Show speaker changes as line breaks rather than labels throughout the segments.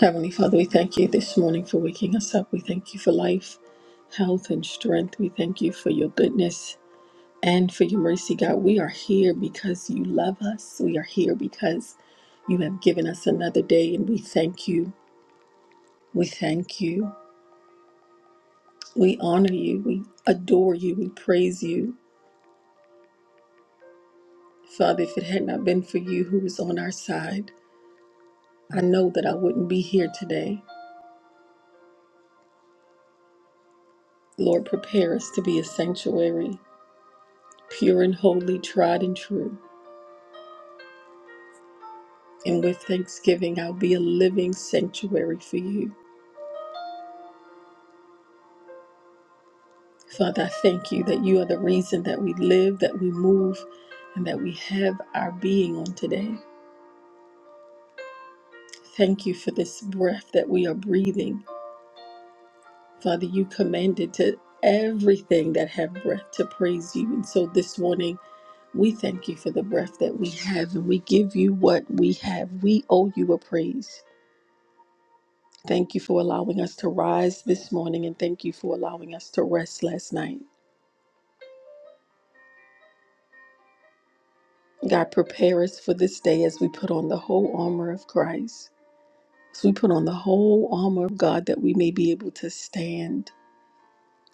Heavenly Father, we thank you this morning for waking us up. We thank you for life, health, and strength. We thank you for your goodness and for your mercy, God. We are here because you love us. We are here because you have given us another day, and we thank you. We thank you. We honor you. We adore you. We praise you. Father, if it had not been for you who was on our side, I know that I wouldn't be here today. Lord, prepare us to be a sanctuary, pure and holy, tried and true. And with thanksgiving, I'll be a living sanctuary for you. Father, I thank you that you are the reason that we live, that we move, and that we have our being on today. Thank you for this breath that we are breathing. Father, you commanded to everything that have breath to praise you. And so this morning, we thank you for the breath that we have, and we give you what we have. We owe you a praise. Thank you for allowing us to rise this morning, and thank you for allowing us to rest last night. God, prepare us for this day as we put on the whole armor of Christ. As we put on the whole armor of God, that we may be able to stand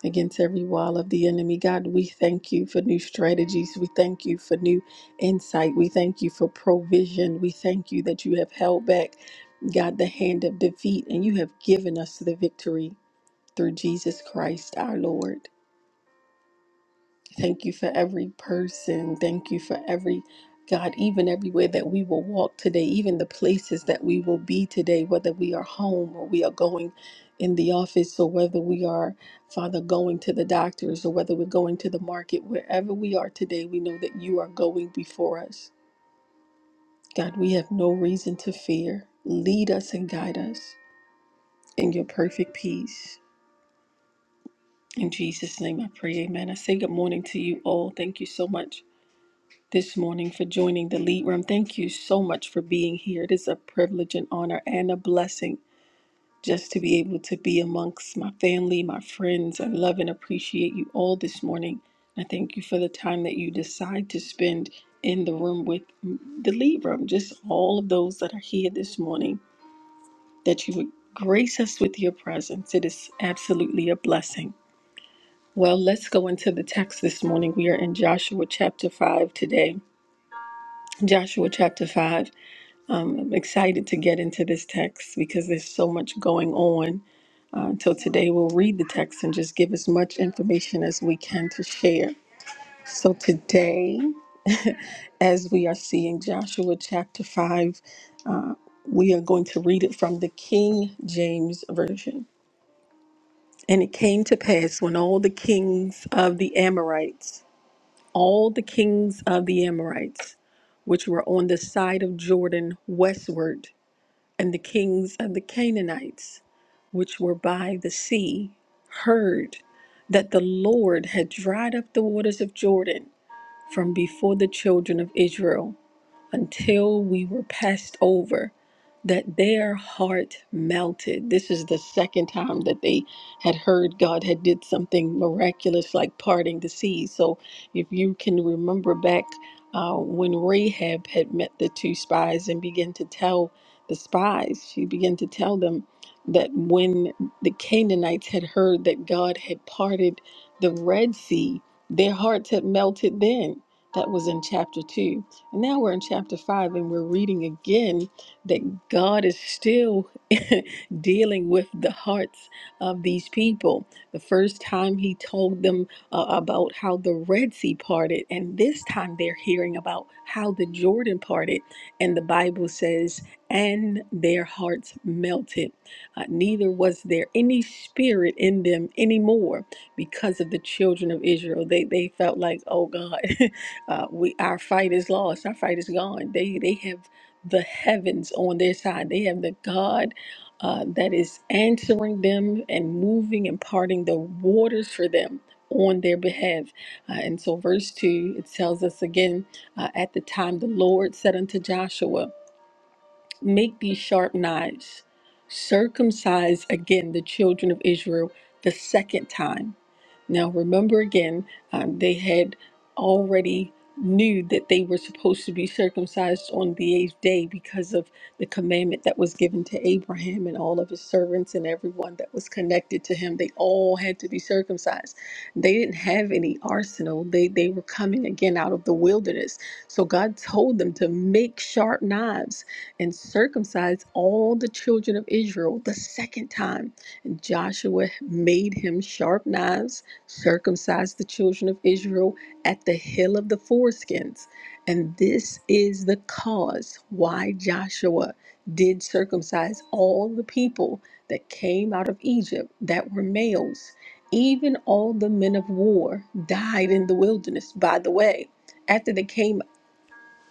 against every wall of the enemy. God, we thank you for new strategies. We thank you for new insight. We thank you for provision. We thank you that you have held back, God, the hand of defeat, and you have given us the victory through Jesus Christ our Lord. Thank you for every person. Thank you for every God, even everywhere that we will walk today, even the places that we will be today, whether we are home or we are going in the office or whether we are, Father, going to the doctors or whether we're going to the market, wherever we are today, we know that you are going before us. God, we have no reason to fear. Lead us and guide us in your perfect peace. In Jesus' name I pray, amen. I say good morning to you all. Thank you so much this morning for joining the lead room. Thank you so much for being here. It is a privilege and honor and a blessing just to be able to be amongst my family, my friends. I love and appreciate you all this morning. I thank you for the time that you decide to spend in the room with the lead room, just all of those that are here this morning, that you would grace us with your presence. It is absolutely a blessing. Well, let's go into the text this morning. We are in Joshua chapter 5 today. Joshua chapter 5. Um, I'm excited to get into this text because there's so much going on. Uh, until today, we'll read the text and just give as much information as we can to share. So, today, as we are seeing Joshua chapter 5, we are going to read it from the King James Version. And it came to pass when all the kings of the Amorites, all the kings of the Amorites, which were on the side of Jordan westward, And the kings of the Canaanites, which were by the sea, heard that the Lord had dried up the waters of Jordan from before the children of Israel until we were passed over, that their heart melted. This is the second time that they had heard God had did something miraculous like parting the seas. So if you can remember back uh, when Rahab had met the two spies and began to tell the spies, she began to tell them that when the Canaanites had heard that God had parted the Red Sea, their hearts had melted then. That was in chapter 2. And now we're in chapter 5 and we're reading again that God is still dealing with the hearts of these people. The first time he told them uh, about how the Red Sea parted, and this time they're hearing about how the Jordan parted. And the Bible says, and their hearts melted. Uh, neither was there any spirit in them anymore because of the children of Israel. They, they felt like, oh God. Uh, we our fight is lost. Our fight is gone. They they have the heavens on their side. They have the God uh, that is answering them and moving and parting the waters for them on their behalf. Uh, and so, verse two it tells us again. Uh, at the time, the Lord said unto Joshua. Make these sharp knives. Circumcise again the children of Israel the second time. Now, remember again, um, they had already knew that they were supposed to be circumcised on the eighth day because of the commandment that was given to Abraham and all of his servants and everyone that was connected to him. They all had to be circumcised. They didn't have any arsenal. They they were coming again out of the wilderness. So God told them to make sharp knives and circumcised all the children of Israel the second time. And Joshua made him sharp knives, circumcised the children of Israel at the hill of the foreskins. And this is the cause why Joshua did circumcise all the people that came out of Egypt that were males. Even all the men of war died in the wilderness, by the way, after they came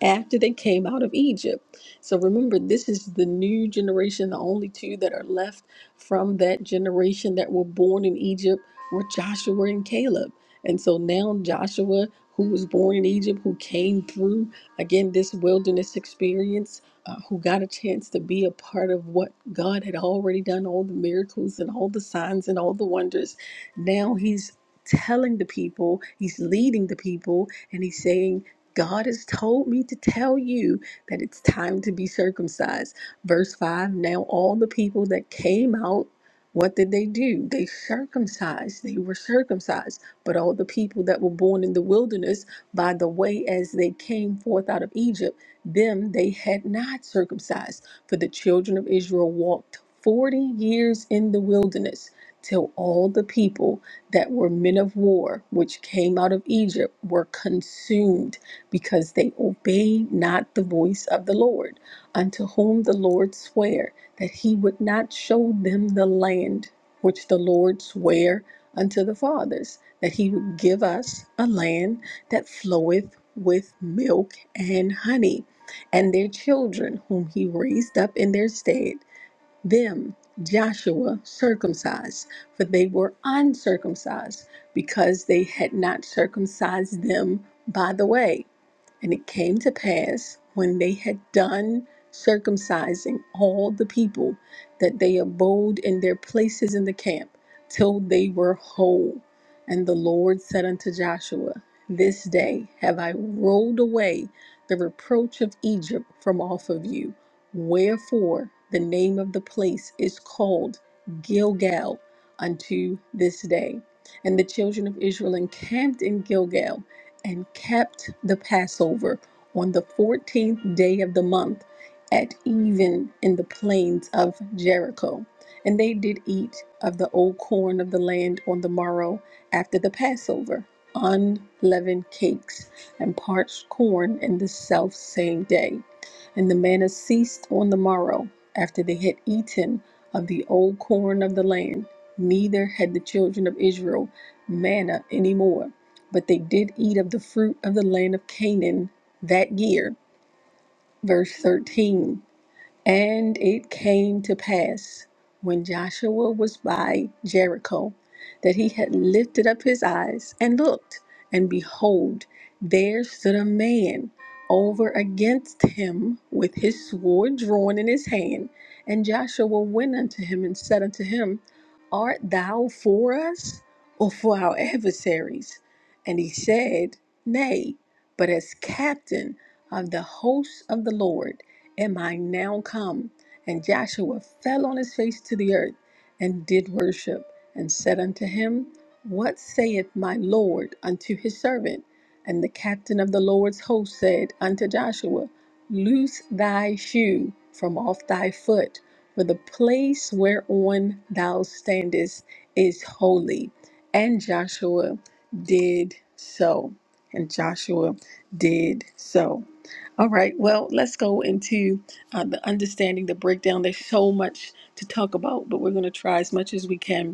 after they came out of Egypt. So remember, this is the new generation. The only two that are left from that generation that were born in Egypt were Joshua and Caleb. And so now Joshua, who was born in Egypt, who came through again this wilderness experience, uh, who got a chance to be a part of what God had already done, all the miracles and all the signs and all the wonders. Now he's telling the people, he's leading the people, and he's saying, God has told me to tell you that it's time to be circumcised. Verse 5 Now, all the people that came out, what did they do? They circumcised. They were circumcised. But all the people that were born in the wilderness, by the way, as they came forth out of Egypt, them they had not circumcised. For the children of Israel walked 40 years in the wilderness till all the people that were men of war, which came out of Egypt, were consumed because they obey not the voice of the Lord, unto whom the Lord sware that he would not show them the land which the Lord sware unto the fathers, that he would give us a land that floweth with milk and honey, and their children whom he raised up in their stead, them Joshua circumcised, for they were uncircumcised, because they had not circumcised them by the way and it came to pass when they had done circumcising all the people that they abode in their places in the camp till they were whole. And the Lord said unto Joshua, This day have I rolled away the reproach of Egypt from off of you. Wherefore the name of the place is called Gilgal unto this day. And the children of Israel encamped in Gilgal and kept the Passover on the fourteenth day of the month at even in the plains of Jericho. And they did eat of the old corn of the land on the morrow after the Passover, unleavened cakes and parched corn in the self same day. And the manna ceased on the morrow after they had eaten of the old corn of the land. Neither had the children of Israel manna any more but they did eat of the fruit of the land of Canaan that year. Verse 13 and it came to pass when Joshua was by Jericho that he had lifted up his eyes and looked, and behold, there stood a man over against him with his sword drawn in his hand. And Joshua went unto him and said unto him, Art thou for us or for our adversaries? And he said, Nay, but as captain of the hosts of the Lord am I now come? And Joshua fell on his face to the earth and did worship and said unto him, What saith my Lord unto his servant? And the captain of the Lord's host said unto Joshua, Loose thy shoe from off thy foot, for the place whereon thou standest is holy. And Joshua did so. And Joshua did so. All right, well, let's go into uh, the understanding, the breakdown. There's so much to talk about, but we're going to try as much as we can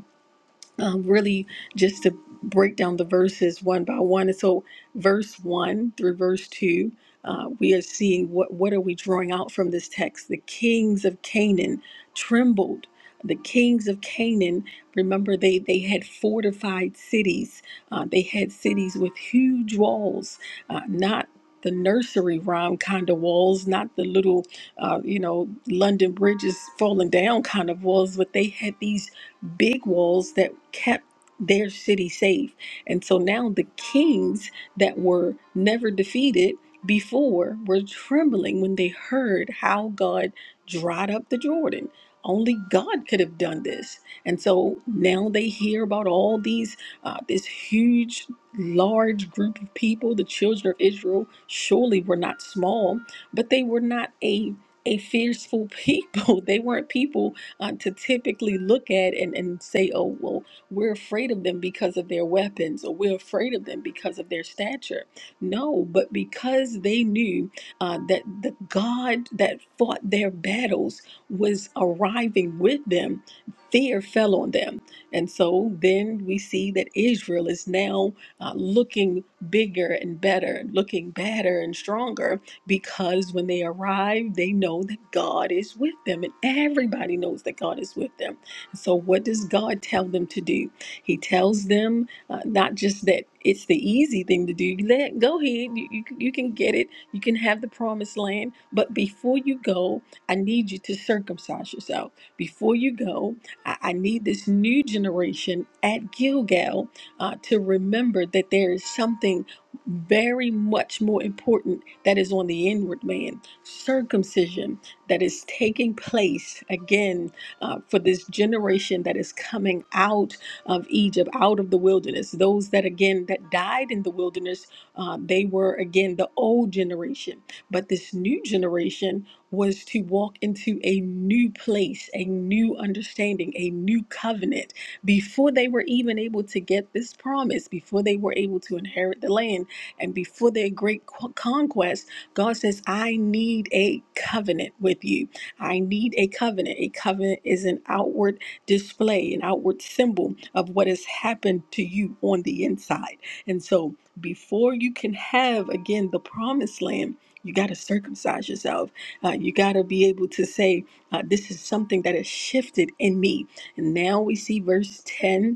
um, really just to break down the verses one by one. And so, verse one through verse two, uh, we are seeing what what are we drawing out from this text? The kings of Canaan trembled. The kings of Canaan, remember they they had fortified cities. Uh, they had cities with huge walls, uh, not. The nursery rhyme kind of walls, not the little, uh, you know, London bridges falling down kind of walls, but they had these big walls that kept their city safe. And so now the kings that were never defeated before were trembling when they heard how God dried up the Jordan. Only God could have done this. And so now they hear about all these, uh, this huge, large group of people. The children of Israel surely were not small, but they were not a a fearful people. They weren't people uh, to typically look at and, and say, oh, well, we're afraid of them because of their weapons, or we're afraid of them because of their stature. No, but because they knew uh, that the God that fought their battles was arriving with them, fear fell on them. And so then we see that Israel is now uh, looking bigger and better, looking better and stronger because when they arrive, they know that God is with them, and everybody knows that God is with them. So, what does God tell them to do? He tells them uh, not just that it's the easy thing to do. Let go ahead, you, you can- you can get it. You can have the promised land. But before you go, I need you to circumcise yourself. Before you go, I, I need this new generation at Gilgal uh, to remember that there is something very much more important that is on the inward man circumcision that is taking place again uh, for this generation that is coming out of Egypt, out of the wilderness. Those that, again, that died in the wilderness, uh, they were, again, the old generation. But this new generation was to walk into a new place, a new understanding, a new covenant. Before they were even able to get this promise, before they were able to inherit the land, and before their great qu- conquest, God says, I need a covenant with you. I need a covenant. A covenant is an outward display, an outward symbol of what has happened to you on the inside. And so, before you can have again the promised land, you got to circumcise yourself. Uh, you got to be able to say, uh, This is something that has shifted in me. And now we see verse 10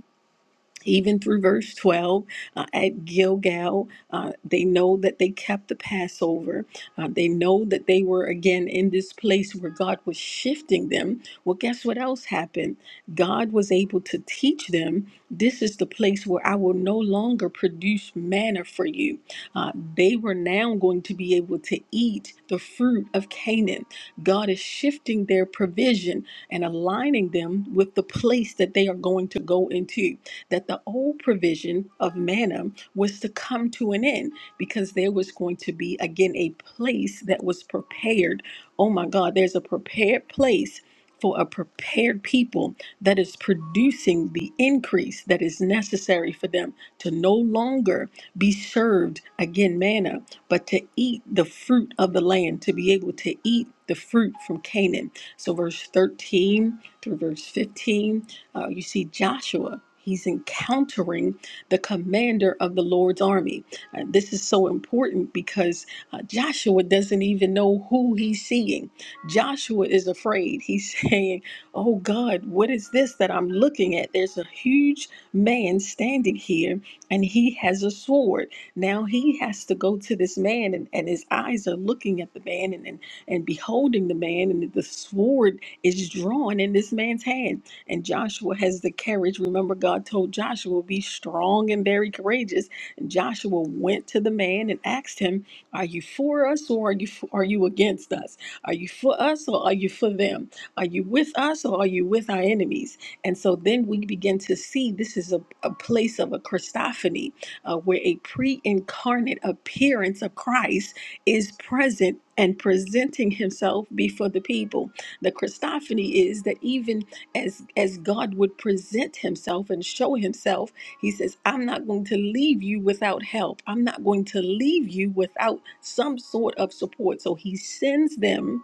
even through verse 12 uh, at Gilgal, uh, they know that they kept the Passover. Uh, they know that they were again in this place where God was shifting them. Well, guess what else happened? God was able to teach them this is the place where I will no longer produce manna for you. Uh, they were now going to be able to eat the fruit of Canaan. God is shifting their provision and aligning them with the place that they are going to go into that the old provision of manna was to come to an end because there was going to be, again, a place that was prepared. Oh my God, there's a prepared place. For a prepared people that is producing the increase that is necessary for them to no longer be served again manna, but to eat the fruit of the land, to be able to eat the fruit from Canaan. So, verse 13 through verse 15 uh, you see Joshua. He's encountering the commander of the Lord's army. Uh, this is so important because uh, Joshua doesn't even know who he's seeing. Joshua is afraid. He's saying, Oh God, what is this that I'm looking at? There's a huge man standing here and he has a sword. Now he has to go to this man, and, and his eyes are looking at the man and, and, and beholding the man, and the sword is drawn in this man's hand. And Joshua has the courage. Remember, God told Joshua, be strong and very courageous. And Joshua went to the man and asked him, Are you for us or are you are you against us? Are you for us or are you for them? Are you with us or are you with our enemies? And so then we begin to see this is a, a place of a Christophany, uh, where a pre incarnate appearance of Christ is present and presenting himself before the people. The Christophany is that even as as God would present himself and show himself, he says, "I'm not going to leave you without help. I'm not going to leave you without some sort of support." So he sends them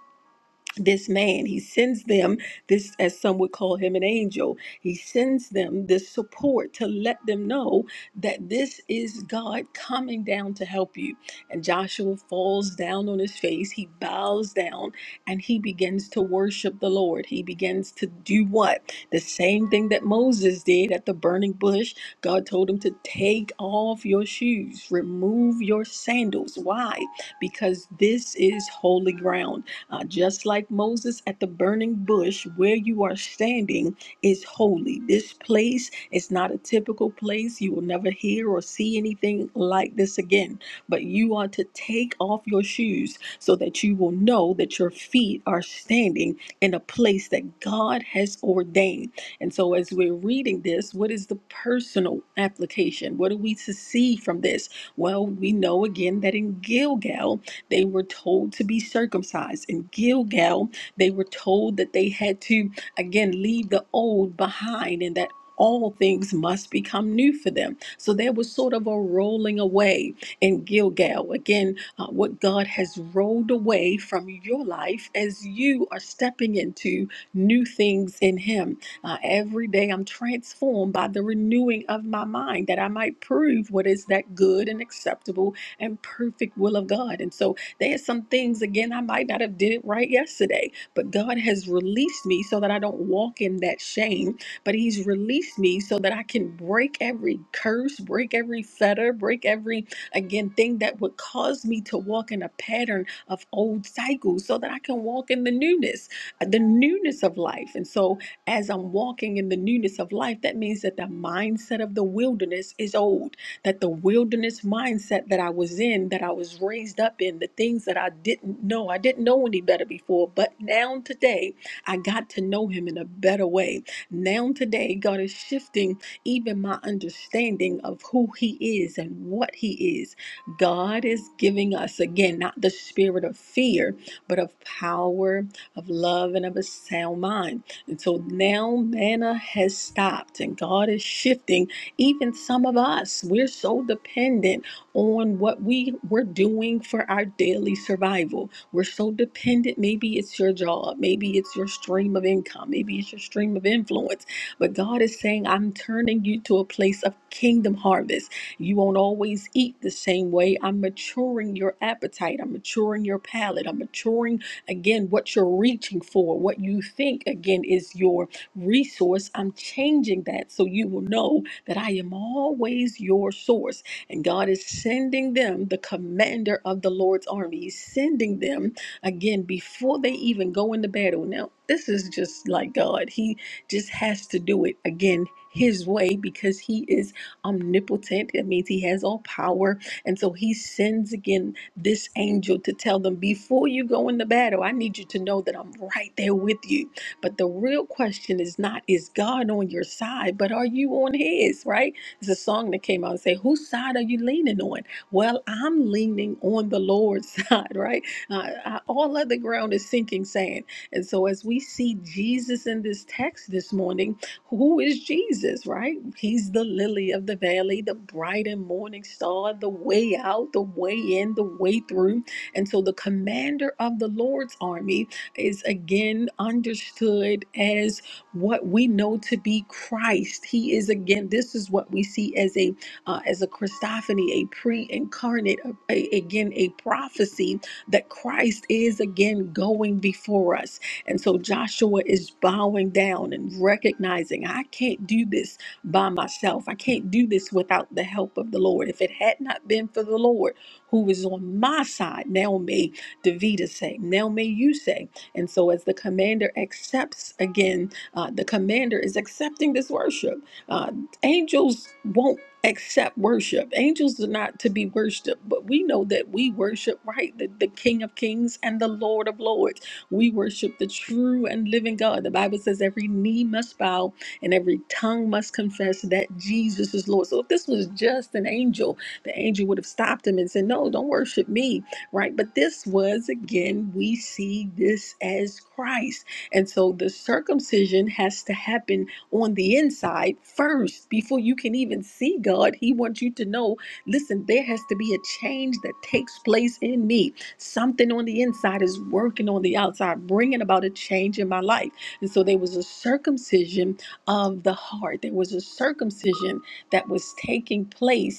this man he sends them this as some would call him an angel he sends them this support to let them know that this is god coming down to help you and joshua falls down on his face he bows down and he begins to worship the lord he begins to do what the same thing that moses did at the burning bush god told him to take off your shoes remove your sandals why because this is holy ground uh, just like Moses at the burning bush, where you are standing is holy. This place is not a typical place. You will never hear or see anything like this again. But you are to take off your shoes so that you will know that your feet are standing in a place that God has ordained. And so, as we're reading this, what is the personal application? What are we to see from this? Well, we know again that in Gilgal, they were told to be circumcised. In Gilgal, they were told that they had to, again, leave the old behind and that all things must become new for them. So there was sort of a rolling away in Gilgal. Again, uh, what God has rolled away from your life as you are stepping into new things in Him. Uh, every day I'm transformed by the renewing of my mind that I might prove what is that good and acceptable and perfect will of God. And so there's some things again I might not have did it right yesterday, but God has released me so that I don't walk in that shame. But He's released me so that I can break every curse, break every fetter, break every again thing that would cause me to walk in a pattern of old cycles, so that I can walk in the newness, uh, the newness of life. And so as I'm walking in the newness of life, that means that the mindset of the wilderness is old that the wilderness mindset that I was in, that I was raised up in, the things that I didn't know, I didn't know any better before, but now today I got to know Him in a better way. Now today, God is shifting even my understanding of who He is and what He is. God is giving us, again, not the spirit of fear, but of power, of love, and of a sound mind. And so now manna has stopped, and God is shifting even some of us, we're so dependent on what we we're doing for our daily survival. We're so dependent. Maybe it's your job, maybe it's your stream of income, maybe it's your stream of influence. But God is saying, I'm turning you to a place of kingdom harvest. You won't always eat the same way. I'm maturing your appetite. I'm maturing your palate. I'm maturing again what you're reaching for, what you think again is your resource. I'm changing that so you will know that I am always your source. And God is sending them the commander of the Lord's army. He's sending them again before they even go into battle. Now, this is just like God. He just has to do it again his way because he is omnipotent. It means he has all power. And so he sends again this angel to tell them before you go into battle, I need you to know that I'm right there with you. But the real question is not, is God on your side, but are you on his, right? It's a song that came out and say, whose side are you leaning on? Well, I'm leaning on the Lord's side, right? Uh, I, all other ground is sinking sand. And so as we see Jesus in this text this morning, who is Jesus, right? He's the lily of the valley, the bright and morning star, the way out, the way in, the way through. And so the commander of the Lord's armies is again understood as what we know to be Christ. He is again. This is what we see as a uh, as a Christophany, a pre-incarnate, a, a- again a prophecy that Christ is again going before us. And so Joshua is bowing down and recognizing, I can't do this by myself. I can't do this without the help of the Lord. If it had not been for the Lord who is on my side, now may Davida say, now may you say. And so, as the commander accepts again, uh, the commander is accepting this worship. Uh, angels won't accept worship. Angels are not to be worshiped, but we know that we worship, right? The, the King of Kings and the Lord of Lords. We worship the true and living God. The Bible says every knee must bow and every tongue must confess that Jesus is Lord. So if this was just an angel, the angel would have stopped him and said, No, don't worship me right? But this was, again, we see this as Christ. And so the circumcision has to happen on the inside first before you can even see God. He wants you to know listen, there has to be a change that takes place in me. Something on the inside is working on the outside, bringing about a change in my life. And so there was a circumcision of the heart, there was a circumcision that was taking place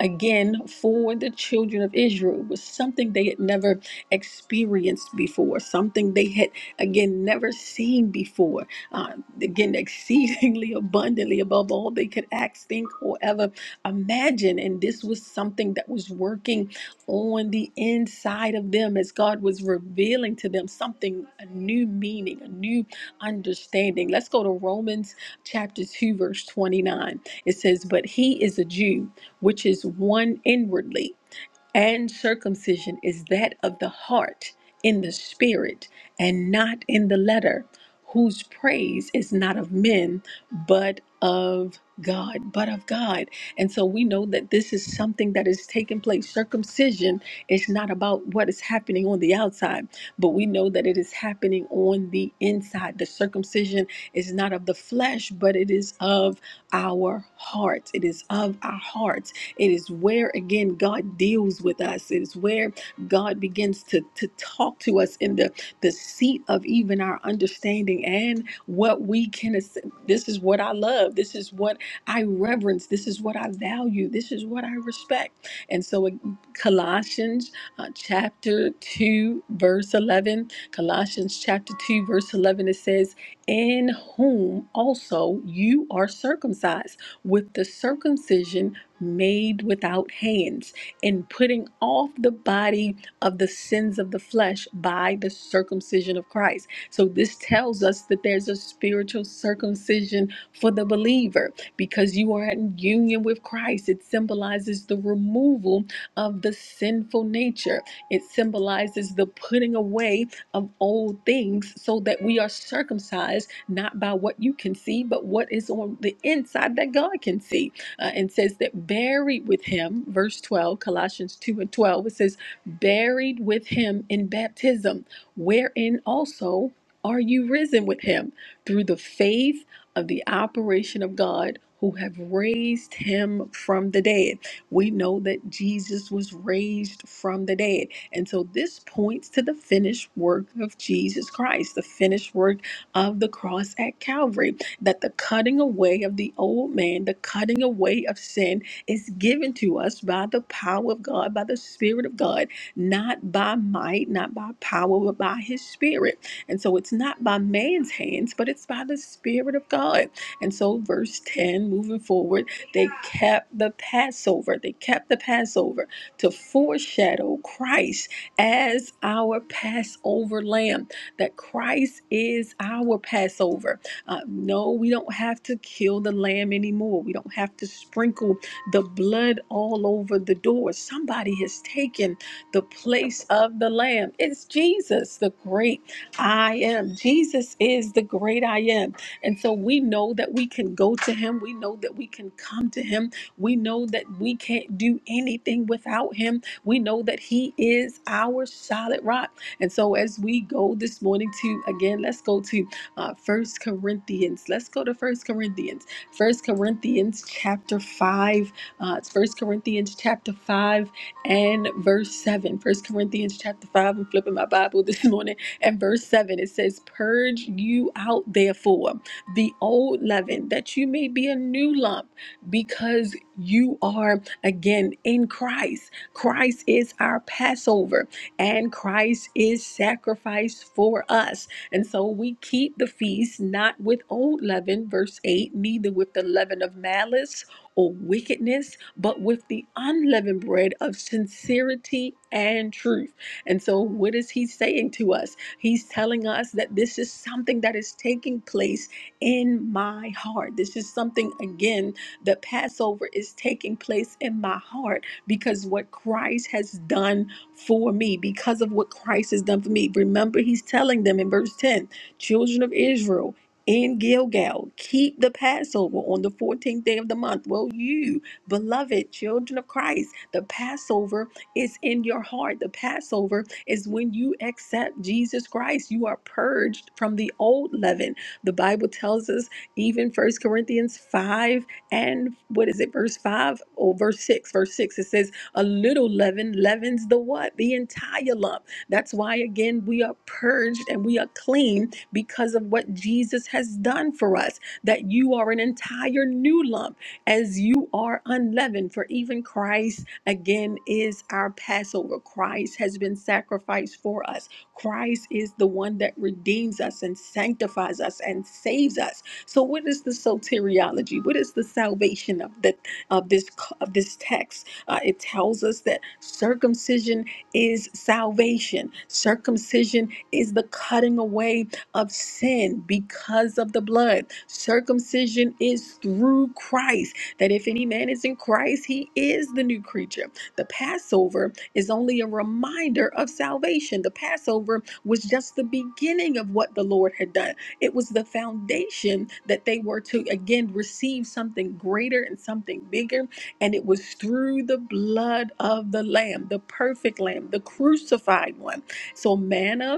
again for the children of Israel It was something they had never experienced before, something they had again never seen before. Uh, again, exceedingly abundantly above all they could ask, think, or ever imagine. And this was something that was working on the inside of them as God was revealing to them something, a new meaning, a new understanding. Let's go to Romans chapter 2, verse 29. It says, But he is a Jew which is one inwardly, and circumcision is that of the heart in the spirit and not in the letter, whose praise is not of men, but of God, but of God. And so we know that this is something that is taking place. Circumcision is not about what is happening on the outside, but we know that it is happening on the inside. The circumcision is not of the flesh, but it is of our hearts. It is of our hearts it is where, again, God deals with us. It is where God begins to, to talk to us in the, the seat of even our understanding and what we can. ass- This is what I love. This is what I reverence. This is what I value. This is what I respect. And so, in Colossians uh, chapter 2, verse 11, Colossians chapter 2, verse 11, it says, In whom also you are circumcised with the circumcision made without hands, and putting off the body of the sins of the flesh by the circumcision of Christ. So, this tells us that there's a spiritual circumcision for the believer because you are in union with Christ. It symbolizes the removal of the sinful nature, it symbolizes the putting away of old things so that we are circumcised not by what you can see, but what is on the inside that God can see uh, and says that buried with him, verse 12, Colossians 2 and 12, it says, buried with him in baptism, wherein also are you risen with him through the faith of the operation of God who have raised him from the dead. We know that Jesus was raised from the dead. And so this points to the finished work of Jesus Christ, the finished work of the cross at Calvary that the cutting away of the old man, the cutting away of sin, is given to us by the power of God, by the Spirit of God, not by might, not by power, but by His Spirit. And so it's not by man's hands, but it's by the Spirit of God. And so, verse 10, moving forward, they kept the Passover. They kept the Passover to foreshadow Christ as our Passover lamb, that Christ is our Passover uh, no, we don't have to kill the lamb anymore. We don't have to sprinkle the blood all over the door. Somebody has taken the place of the lamb. It's Jesus, the great I am. Jesus is the great I am. And so we know that we can go to him. We know that we can come to him. We know that we can't do anything without him. We know that he is our solid rock. And so as we go this morning to, again, let's go to uh, First Corinthians. Let's go to First Corinthians. First Corinthians chapter five. Uh, it's First Corinthians chapter five and verse seven. First Corinthians chapter five. I'm flipping my Bible this morning, and verse seven. It says, "Purge you out, therefore, the old leaven, that you may be a new lump, because you are again in Christ. Christ is our Passover, and Christ is sacrificed for us." And so we keep the feast not with old leaven, verse 8, neither with the leaven of malice or wickedness, but with the unleavened bread of sincerity and truth. And so, what is he saying to us? He's telling us that this is something that is taking place in my heart. This is something, again, the Passover is taking place in my heart because what Christ has done for me because of what Christ has done for me. Remember, he's telling them in verse 10 children of Israel in Gilgal, keep the Passover on the 14th day of the month. Well, you, beloved children of Christ, the Passover is in your heart. The Passover is when you accept Jesus Christ. You are purged from the old leaven. The Bible tells us, even First Corinthians 5 and what is it, verse 5 or verse 6, verse 6, it says, a little leaven leavens the what? The entire lump. That's why, again, we are purged and we are clean because of what Jesus has done for us. That you are an entire new lump as you are unleavened. For even Christ, again, is our Passover. Christ has been sacrificed for us. Christ is the one that redeems us and sanctifies us and saves us. So, what is the soteriology? What is the salvation of the of this of this text? Uh, it tells us that circumcision is salvation, circumcision is the cutting away of sin because of the blood. Circumcision is through Christ, that if any man is in Christ, he is the new creature. The Passover is only a reminder of salvation. The Passover was just the beginning of what the Lord had done it was the foundation that they were to again receive something greater and something bigger and it was through the blood of the Lamb, the perfect Lamb, the crucified one. So manna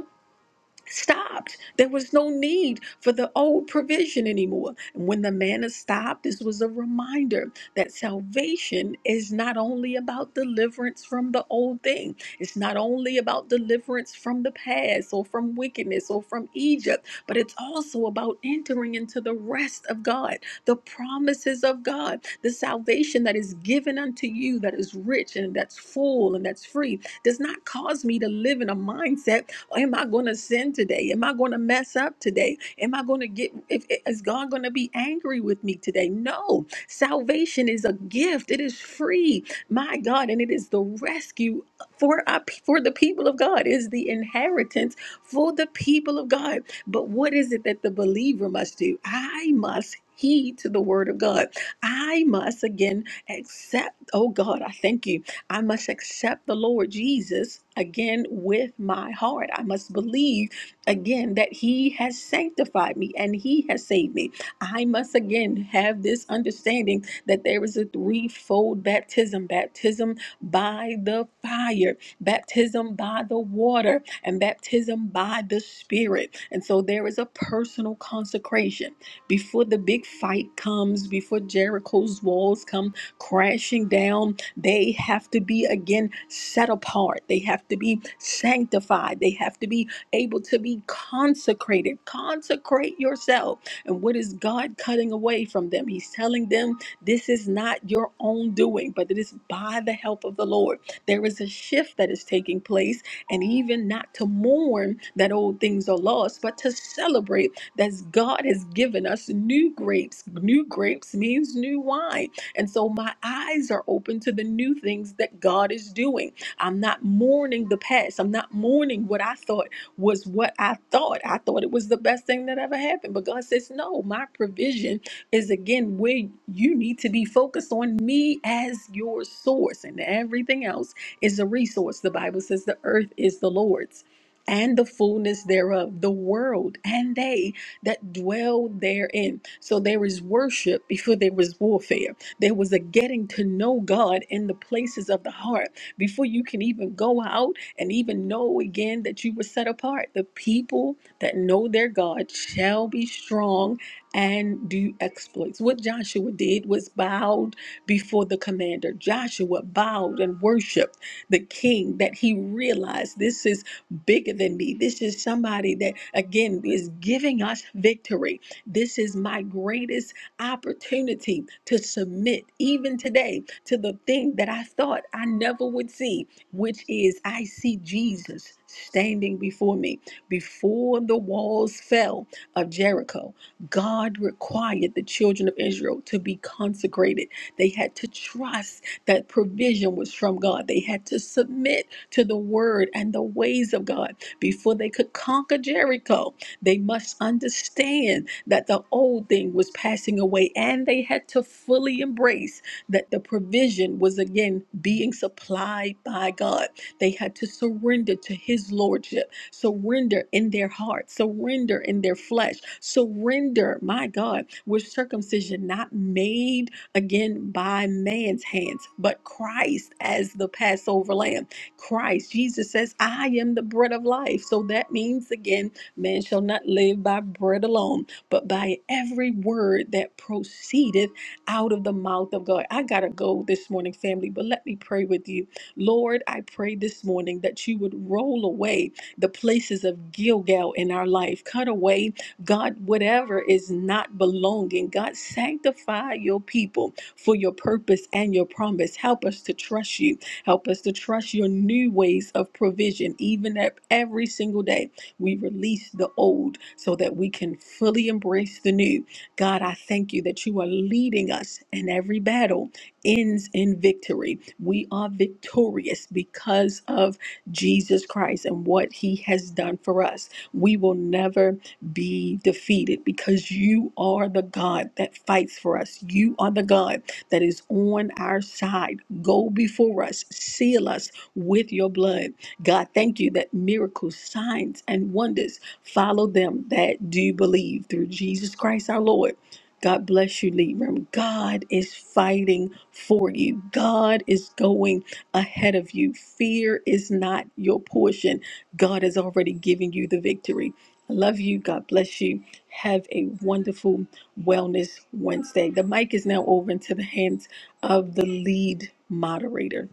stopped. There was no need for the old provision anymore. And when the manna stopped, this was a reminder that salvation is not only about deliverance from the old thing, it's not only about deliverance from the past or from wickedness or from Egypt, but it's also about entering into the rest of God, the promises of God, the salvation that is given unto you that is rich and that's full and that's free does not cause me to live in a mindset Am I going to sin today? Am I going to mess up today? Am I going to get, if, is God going to be angry with me today? No. Salvation is a gift, it is free, my God, and it is the rescue for, our, for the people of God, it is the inheritance for the people of God. But what is it that the believer must do? I must heed to the word of God. I must again accept, oh God, I thank you. I must accept the Lord Jesus again with my heart. I must believe again that He has sanctified me and He has saved me. I must again have this understanding that there is a threefold baptism baptism by the fire, baptism by the water, and baptism by the Spirit. And so there is a personal consecration. Before the big fight comes, before Jericho's walls come crashing down, they have to be again set apart. They have to be sanctified. They have to be able to be consecrated. Consecrate yourself. And what is God cutting away from them? He's telling them this is not your own doing, but it is by the help of the Lord. There is a shift that is taking place, and even not to mourn that old things are lost, but to celebrate that God has given us new grapes. New grapes means new wine and so my eyes are open to the new things that God is doing. I'm not mourning the past. I'm not mourning what I thought was what I thought. I thought it was the best thing that ever happened. But God says, no, my provision is again where you need to be focused on me as your source, and everything else is a resource. The Bible says the earth is the Lord's. And the fullness thereof, the world and they that dwell therein. So there is worship before there is warfare. There was a getting to know God in the places of the heart before you can even go out and even know again that you were set apart. The people that know their God shall be strong and do exploits. What Joshua did was bowed before the commander. Joshua bowed and worshiped the king that he realized this is bigger than me. This is somebody that, again, is giving us victory. This is my greatest opportunity to submit even today to the thing that I thought I never would see, which is I see Jesus standing before me. Before the walls fell of Jericho, God required the children of Israel to be consecrated. They had to trust that provision was from God, they had to submit to the word and the ways of God before they could conquer Jericho. They must understand that the old thing was passing away and they had to fully embrace that the provision was again being supplied by God. They had to surrender to His Lordship, surrender in their heart, surrender in their flesh, surrender, my God, with circumcision not made again by man's hands, but Christ as the Passover lamb. Christ, Jesus says, I am the bread of life. So that means again, Man shall not live by bread alone, but by every word that proceedeth out of the mouth of God. I got to go this morning, family, but let me pray with you. Lord, I pray this morning that you would roll away the places of Gilgal in our life. Cut away, God, whatever is not belonging. God, sanctify your people for your purpose and your promise. Help us to trust you. Help us to trust your new ways of provision, even at every single day. We release the old so that we can fully embrace the new. God, I thank you that you are leading us, and every battle ends in victory. We are victorious because of Jesus Christ and what he has done for us. We will never be defeated because you are the God that fights for us. You are the God that is on our side. Go before us, seal us with your blood. God, thank you that miracles, signs, and wonders follow them that do believe through Jesus Christ our Lord. God bless you, Lead Room. God is fighting for you. God is going ahead of you. Fear is not your portion. God has already given you the victory. I love you. God bless you. Have a wonderful Wellness Wednesday. The mic is now over into the hands of the lead moderator.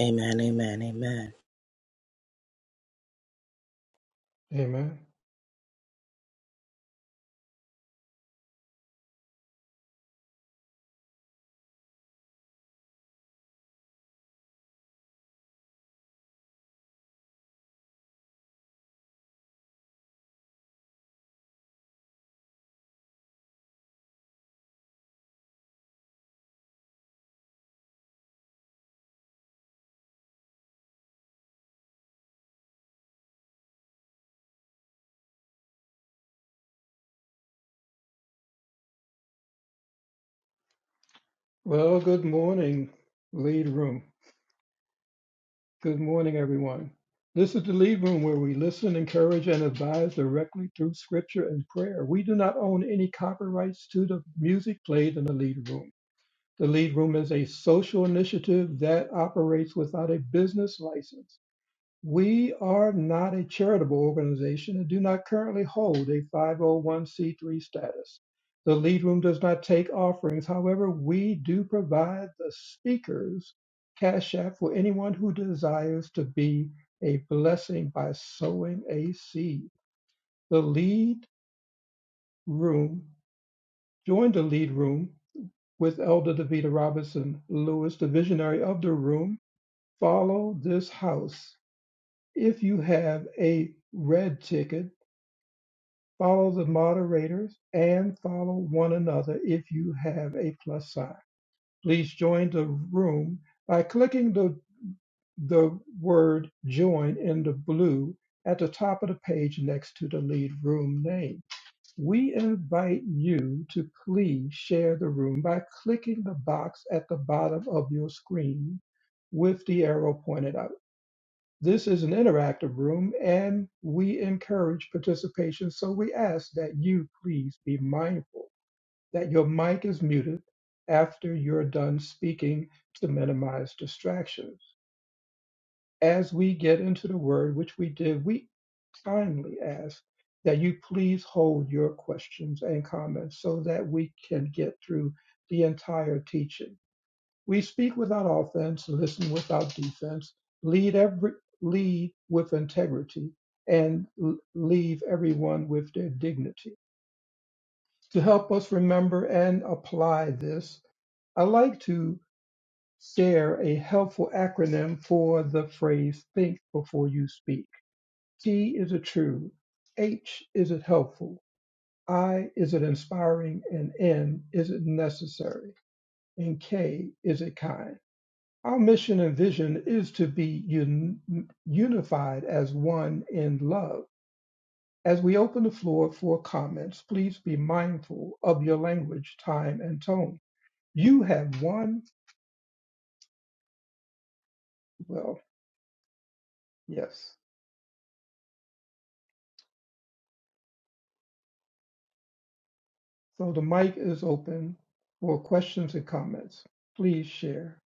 Amen, amen, amen,
Amen. Well, good morning, Lead Room. Good morning, everyone. This is the Lead Room where we listen, encourage, and advise directly through scripture and prayer. We do not own any copyrights to the music played in the Lead Room. The Lead Room is a social initiative that operates without a business license. We are not a charitable organization and do not currently hold a 501c3 status. The Lead Room does not take offerings. However, we do provide the speakers Cash App for anyone who desires to be a blessing by sowing a seed. The Lead Room, join the Lead Room with Elder Davita Robinson Lewis, the visionary of the room. Follow this house. If you have a red ticket, Follow the moderators and follow one another if you have a plus sign. Please join the room by clicking the, the word join in the blue at the top of the page next to the lead room name. We invite you to please share the room by clicking the box at the bottom of your screen with the arrow pointed out. This is an interactive room and we encourage participation, so we ask that you please be mindful that your mic is muted after you're done speaking to minimize distractions. As we get into the word, which we did, we kindly ask that you please hold your questions and comments so that we can get through the entire teaching. We speak without offense, listen without defense, lead every lead with integrity, and l- leave everyone with their dignity. To help us remember and apply this, I like to share a helpful acronym for the phrase think before you speak. T is it true? H is it helpful? I is it inspiring? And N is it necessary? And K is it kind? Our mission and vision is to be un- unified as one in love. As we open the floor for comments, please be mindful of your language, time, and tone. You have one, well, yes. So the mic is open for questions and comments. Please share.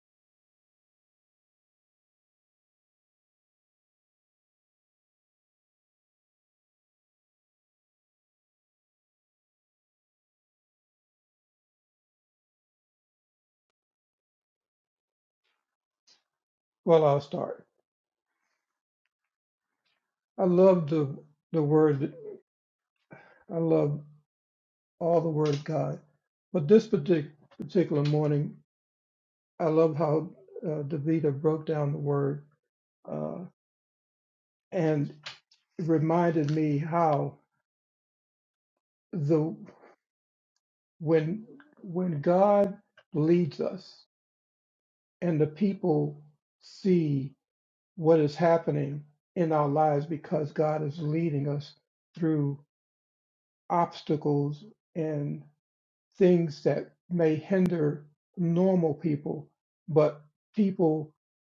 Well, I'll start. I love the the word. I love all the word of God, but this partic- particular morning, I love how uh, Davida broke down the word uh, and it reminded me how the when when God leads us and the people see what is happening in our lives because God is leading us through obstacles and things that may hinder normal people, but people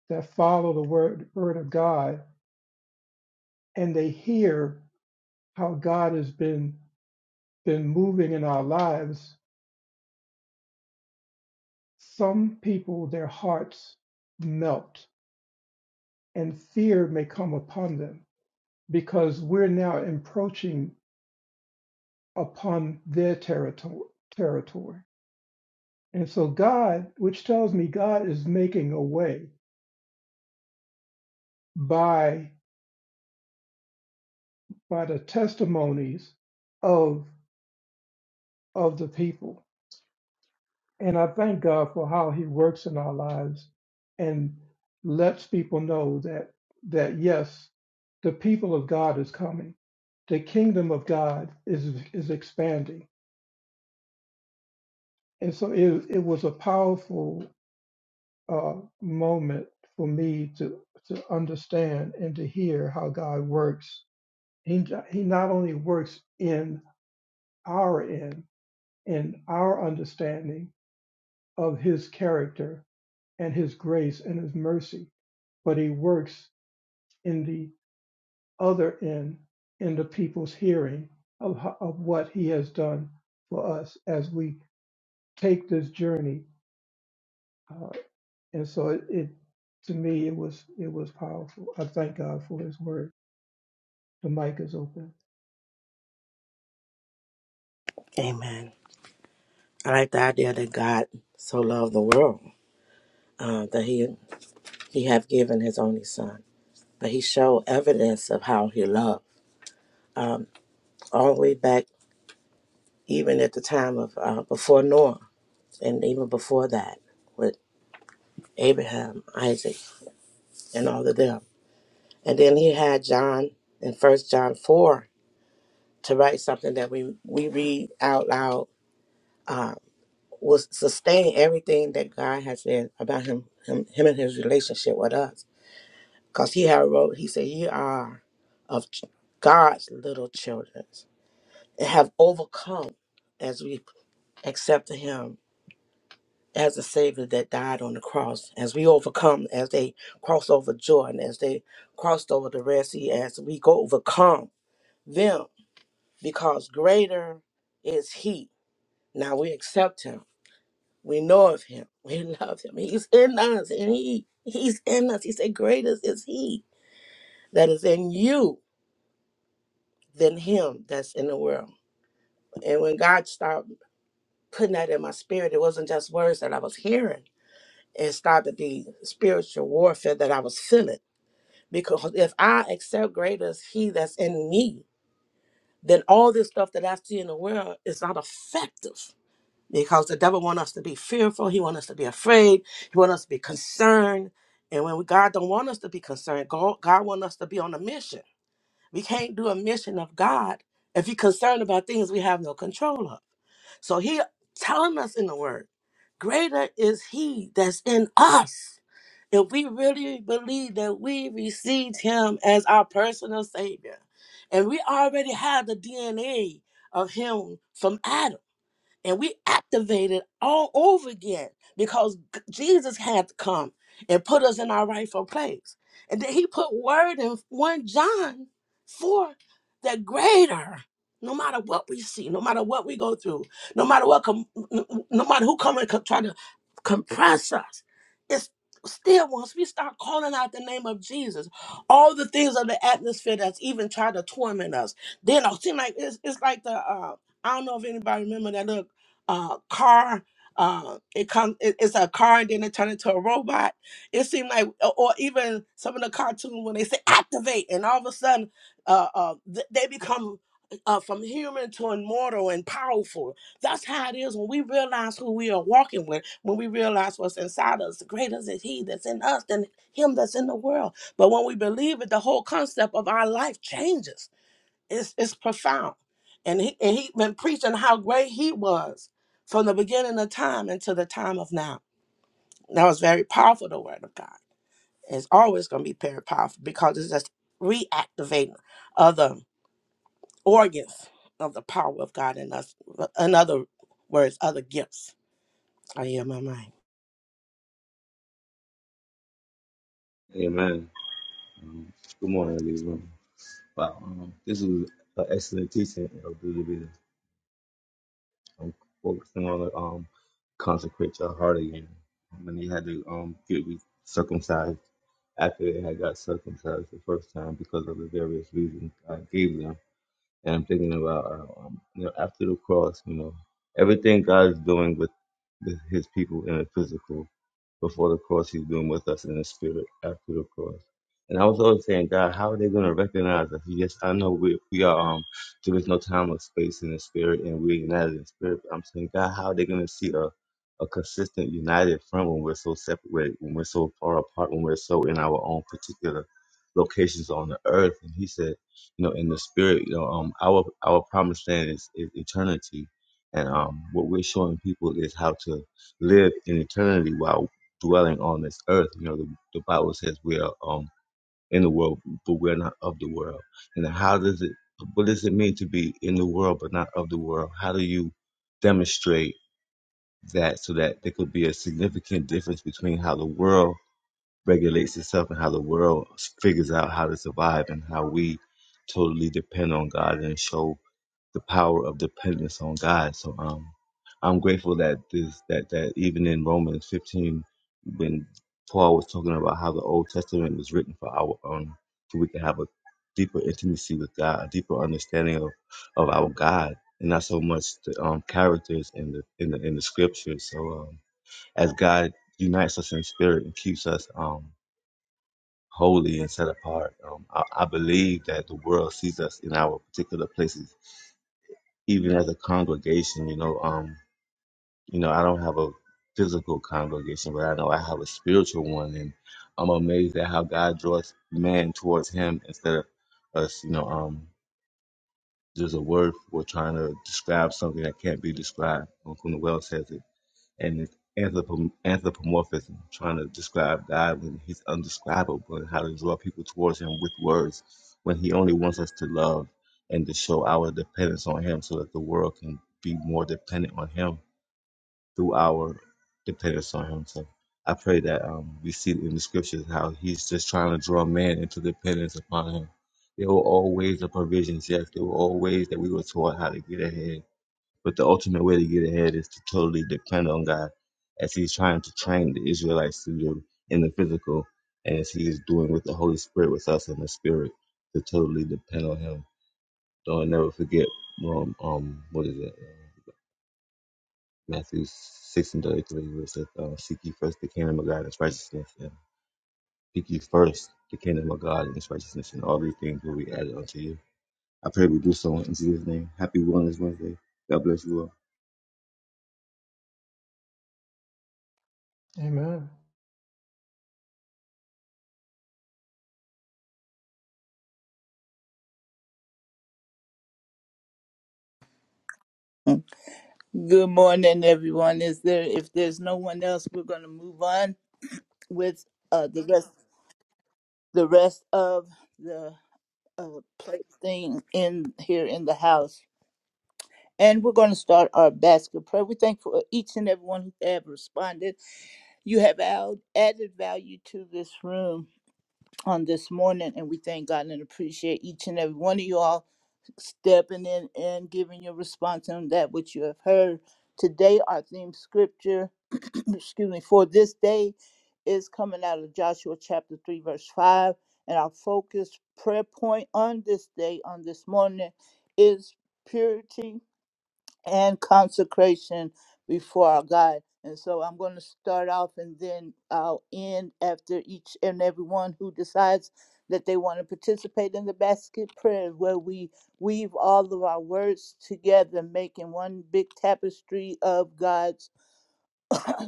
that follow the word word of God and they hear how God has been been moving in our lives Some people, their hearts melt and fear may come upon them because we're now approaching upon their territory. territory. And so God, which tells me God is making a way by by the testimonies of of the people. And I thank God for how he works in our lives and lets people know that that yes, the people of God is coming the kingdom of God is is expanding, and so it it was a powerful uh, moment for me to to understand and to hear how God works. He jo- he not only works in our end, in our understanding of His character and His grace and His mercy, but He works in the other end, in the people's hearing of ho- of what He has done for us as we take this journey Uh, and so it, it, to me, it was it was powerful. I thank God for His word. The mic is open.
amen. I like the idea that God so loved the world uh, that he he have given his only son, but he showed evidence of how he loved um, all the way back, even at the time of uh, before Noah, and even before that with Abraham, Isaac, and all of them. And then he had John in First John four to write something that we we read out loud uh, will sustain everything that God has said about him, him, him and his relationship with us. Because he had wrote, he said, "Ye are of ch- God's little children, and have overcome as we accepted Him as a Savior that died on the cross. As we overcome, as they cross over Jordan, as they crossed over the Red Sea, as we go overcome them, because greater is He. Now we accept Him." We know of him. We love him. He's in us and he he's in us. He said, Greater is he that is in you than him that's in the world. And when God started putting that in my spirit, it wasn't just words that I was hearing. It started the spiritual warfare that I was feeling. Because if I accept greater is he that's in me, then all this stuff that I see in the world is not effective because the devil want us to be fearful. He want us to be afraid. He want us to be concerned. And when we, God don't want us to be concerned, God, God want us to be on a mission. We can't do a mission of God if you're concerned about things we have no control of. So he telling us in the word, greater is he that's in us. If we really believe that we received him as our personal savior, and we already have the DNA of him from Adam and we activated all over again because g- Jesus had to come and put us in our rightful place. And then he put word in 1 John 4 that greater, no matter what we see, no matter what we go through, no matter what, com- no no matter who come and co- try to compress us, it's still once we start calling out the name of Jesus, all the things of the atmosphere that's even trying to torment us, then it seem like it's, it's like the, uh, I don't know if anybody remember that look uh, car. Uh, it comes. It, it's a car, and then it turned into a robot. It seemed like, or or even some of the cartoons when they say activate, and all of a sudden, uh, uh, th- they become uh, from human to immortal and powerful. That's how it is when we realize who we are walking with. When we realize what's inside us, greater is He that's in us than Him that's in the world. But when we believe it, the whole concept of our life changes it's, it's profound. And he and he been preaching how great he was from the beginning of time until the time of now. That was very powerful, the word of God. It's always gonna be very powerful because it's just reactivating other organs of the power of God in us. In other words, other gifts. I hear my mind.
Amen. Um, good morning, everyone. Wow, um, this was an excellent teaching, Elder Davida. I'm focusing on the um, consecrate your heart again. When they had to um get re- circumcised after they had got circumcised the first time because of the various reasons God gave them, and I'm thinking about uh, um, you know after the cross, you know everything God's doing with, with His people in the physical. before the cross he's doing with us in the spirit after the cross. And I was always saying, God, how are they going to recognize us? Yes, I know we, we are, um, there is no time or space in the spirit and we're united in spirit. But I'm saying, God, how are they going to see a, a consistent united front when we're so separated, when we're so far apart, when we're so in our own particular locations on the earth? And he said, you know, in the spirit, you know, um, our, our promised land is, is eternity. And um, what we're showing people is how to live in eternity while dwelling on this earth. You know, the, the Bible says we are um in the world, but we're not of the world. And how does it? What does it mean to be in the world but not of the world? How do you demonstrate that so that there could be a significant difference between how the world regulates itself and how the world figures out how to survive and how we totally depend on God and show the power of dependence on God. So um, I'm grateful that this that that even in Romans 15, when Paul was talking about how the Old Testament was written for our um, so we can have a deeper intimacy with God, a deeper understanding of of our God, and not so much the um, characters in the in the in the scriptures. So um, as God unites us in spirit and keeps us um, holy and set apart, um, I, I believe that the world sees us in our particular places even as a congregation, you know, um, you know, I don't have a physical congregation, but I know I have a spiritual one, and I'm amazed at how God draws man towards Him instead of us. You know, um, there's a word for trying to describe something that can't be described. Uncle Noel says it and it's anthropom- anthropomorphism, trying to describe God when He's undescribable and how to draw people towards Him with words when He only wants us to love and to show our dependence on Him so that the world can be more dependent on Him through our dependence on Him. So I pray that um, we see in the scriptures how He's just trying to draw man into dependence upon Him. There were always the provisions, yes. There were always that we were taught how to get ahead but the ultimate way to get ahead is to totally depend on God, as He's trying to train the Israelites to do in the physical, and as He is doing with the Holy Spirit with us in the spirit, to totally depend on Him. Don't never forget, um, um what is it? Uh, Matthew 6 and 33, where it says, uh, Seek ye first the kingdom of God and His righteousness, and seek ye first the kingdom of God and His righteousness, and all these things will be added unto you. I pray we do so in Jesus' name. Happy Wellness Wednesday. God bless you all.
Amen.
Good morning, everyone. Is there if there's no one else, we're going to move on with uh, the rest the rest of the uh, plate thing in here in the house, and we're going to start our basket prayer. We thank for each and everyone who have responded. You have add- added value to this room on this morning, and we thank God and appreciate each and every one of you all stepping in and giving your response on that which you have heard. Today, our theme scripture, excuse me, for this day is coming out of Joshua chapter 3, verse 5. And our focus prayer point on this day, on this morning, is purity and consecration before our God. And so I'm going to start off and then I'll end after each and everyone who decides that they want to participate in the basket prayer, where we weave all of our words together, making one big tapestry of God's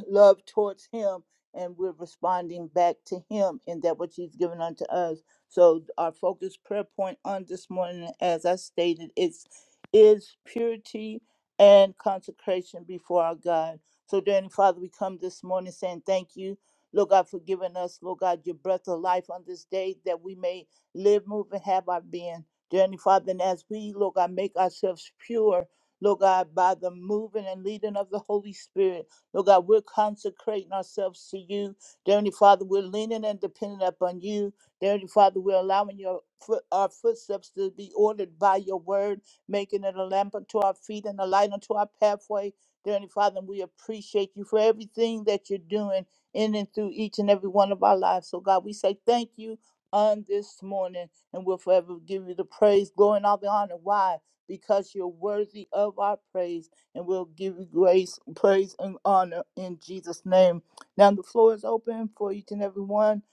love towards him and we're responding back to him in that which he's given unto us. So our focus prayer point on this morning, as I stated, is is purity and consecration before our God. So dear Heavenly Father, we come this morning saying thank you. Lord God, for giving us, Lord God, your breath of life on this day that we may live, move, and have our being. Dear Heavenly Father, and as we, Lord God, make ourselves pure Lord God, by the moving and leading of the Holy Spirit. Lord God, we're consecrating ourselves to you. Dear Heavenly Father, we're leaning and depending upon you. Dear Heavenly Father, we're allowing your foot, our footsteps to be ordered by your word, making it a lamp unto our feet and a light unto our pathway. Dear Heavenly Father, we appreciate you for everything that you're doing in and through each and every one of our lives. So, God, we say thank you on this morning, and we'll forever give you the praise, glory, and all the honor. Why? Because you're worthy of our praise and we'll give you grace, praise, and honor in Jesus' name. Now the floor is open for each and every one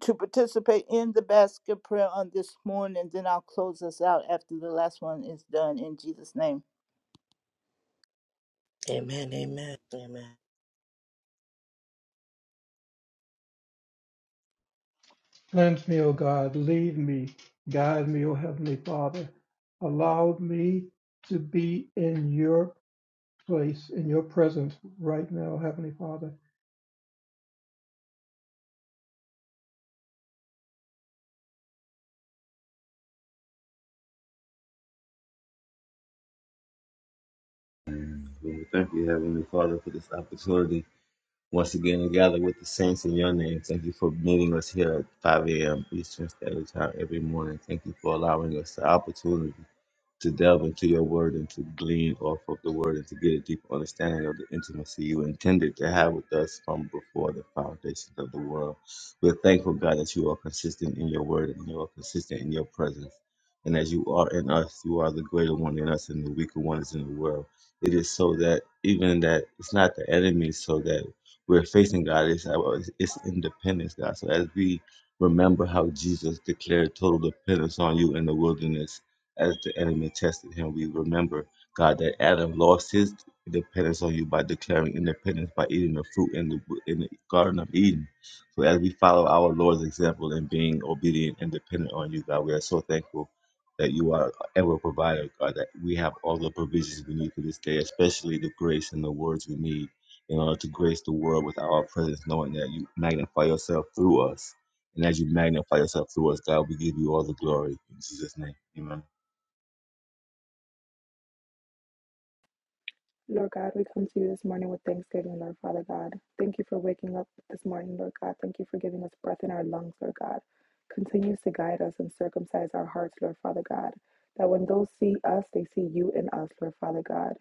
to participate in the basket prayer on this morning, and then I'll close us out after the last one is done in Jesus' name.
Amen. Amen. Amen.
Cleanse me, O God. Lead me. Guide me, O Heavenly Father. Allow me to be in Your place, in Your presence right now, Heavenly Father.
Lord, we thank you, Heavenly Father, for this opportunity once again to gather with the saints in your name. Thank you for meeting us here at 5 a.m. Eastern Standard Time every morning. Thank you for allowing us the opportunity to delve into your word and to glean off of the word and to get a deeper understanding of the intimacy you intended to have with us from before the foundations of the world. We're thankful, God, that you are consistent in your word and you are consistent in your presence. And as you are in us, you are the greater one in us and the weaker one is in the world. It is so that even that it's not the enemy, so that we're facing God, it's, our- it's independence, God. So as we remember how Jesus declared total dependence on you in the wilderness, as the enemy tested him. We remember, God, that Adam lost his dependence on you by declaring independence by eating the fruit in the, in the Garden of Eden. So as we follow our Lord's example in being obedient and dependent on you, God, we are so thankful that you are ever provider, God, that we have all the provisions we need for this day, especially the grace and the words we need in order to grace the world with our presence, knowing that you magnify yourself through us. And as you magnify yourself through us, God, we give you all the glory. In Jesus' name, amen.
Lord God, we come to you this morning with thanksgiving, Lord Father God. Thank you for waking up this morning, Lord God. Thank you for giving us breath in our lungs, Lord God. continue to guide us and circumcise our hearts, Lord Father God, that when those see us, they see you in us, Lord Father God.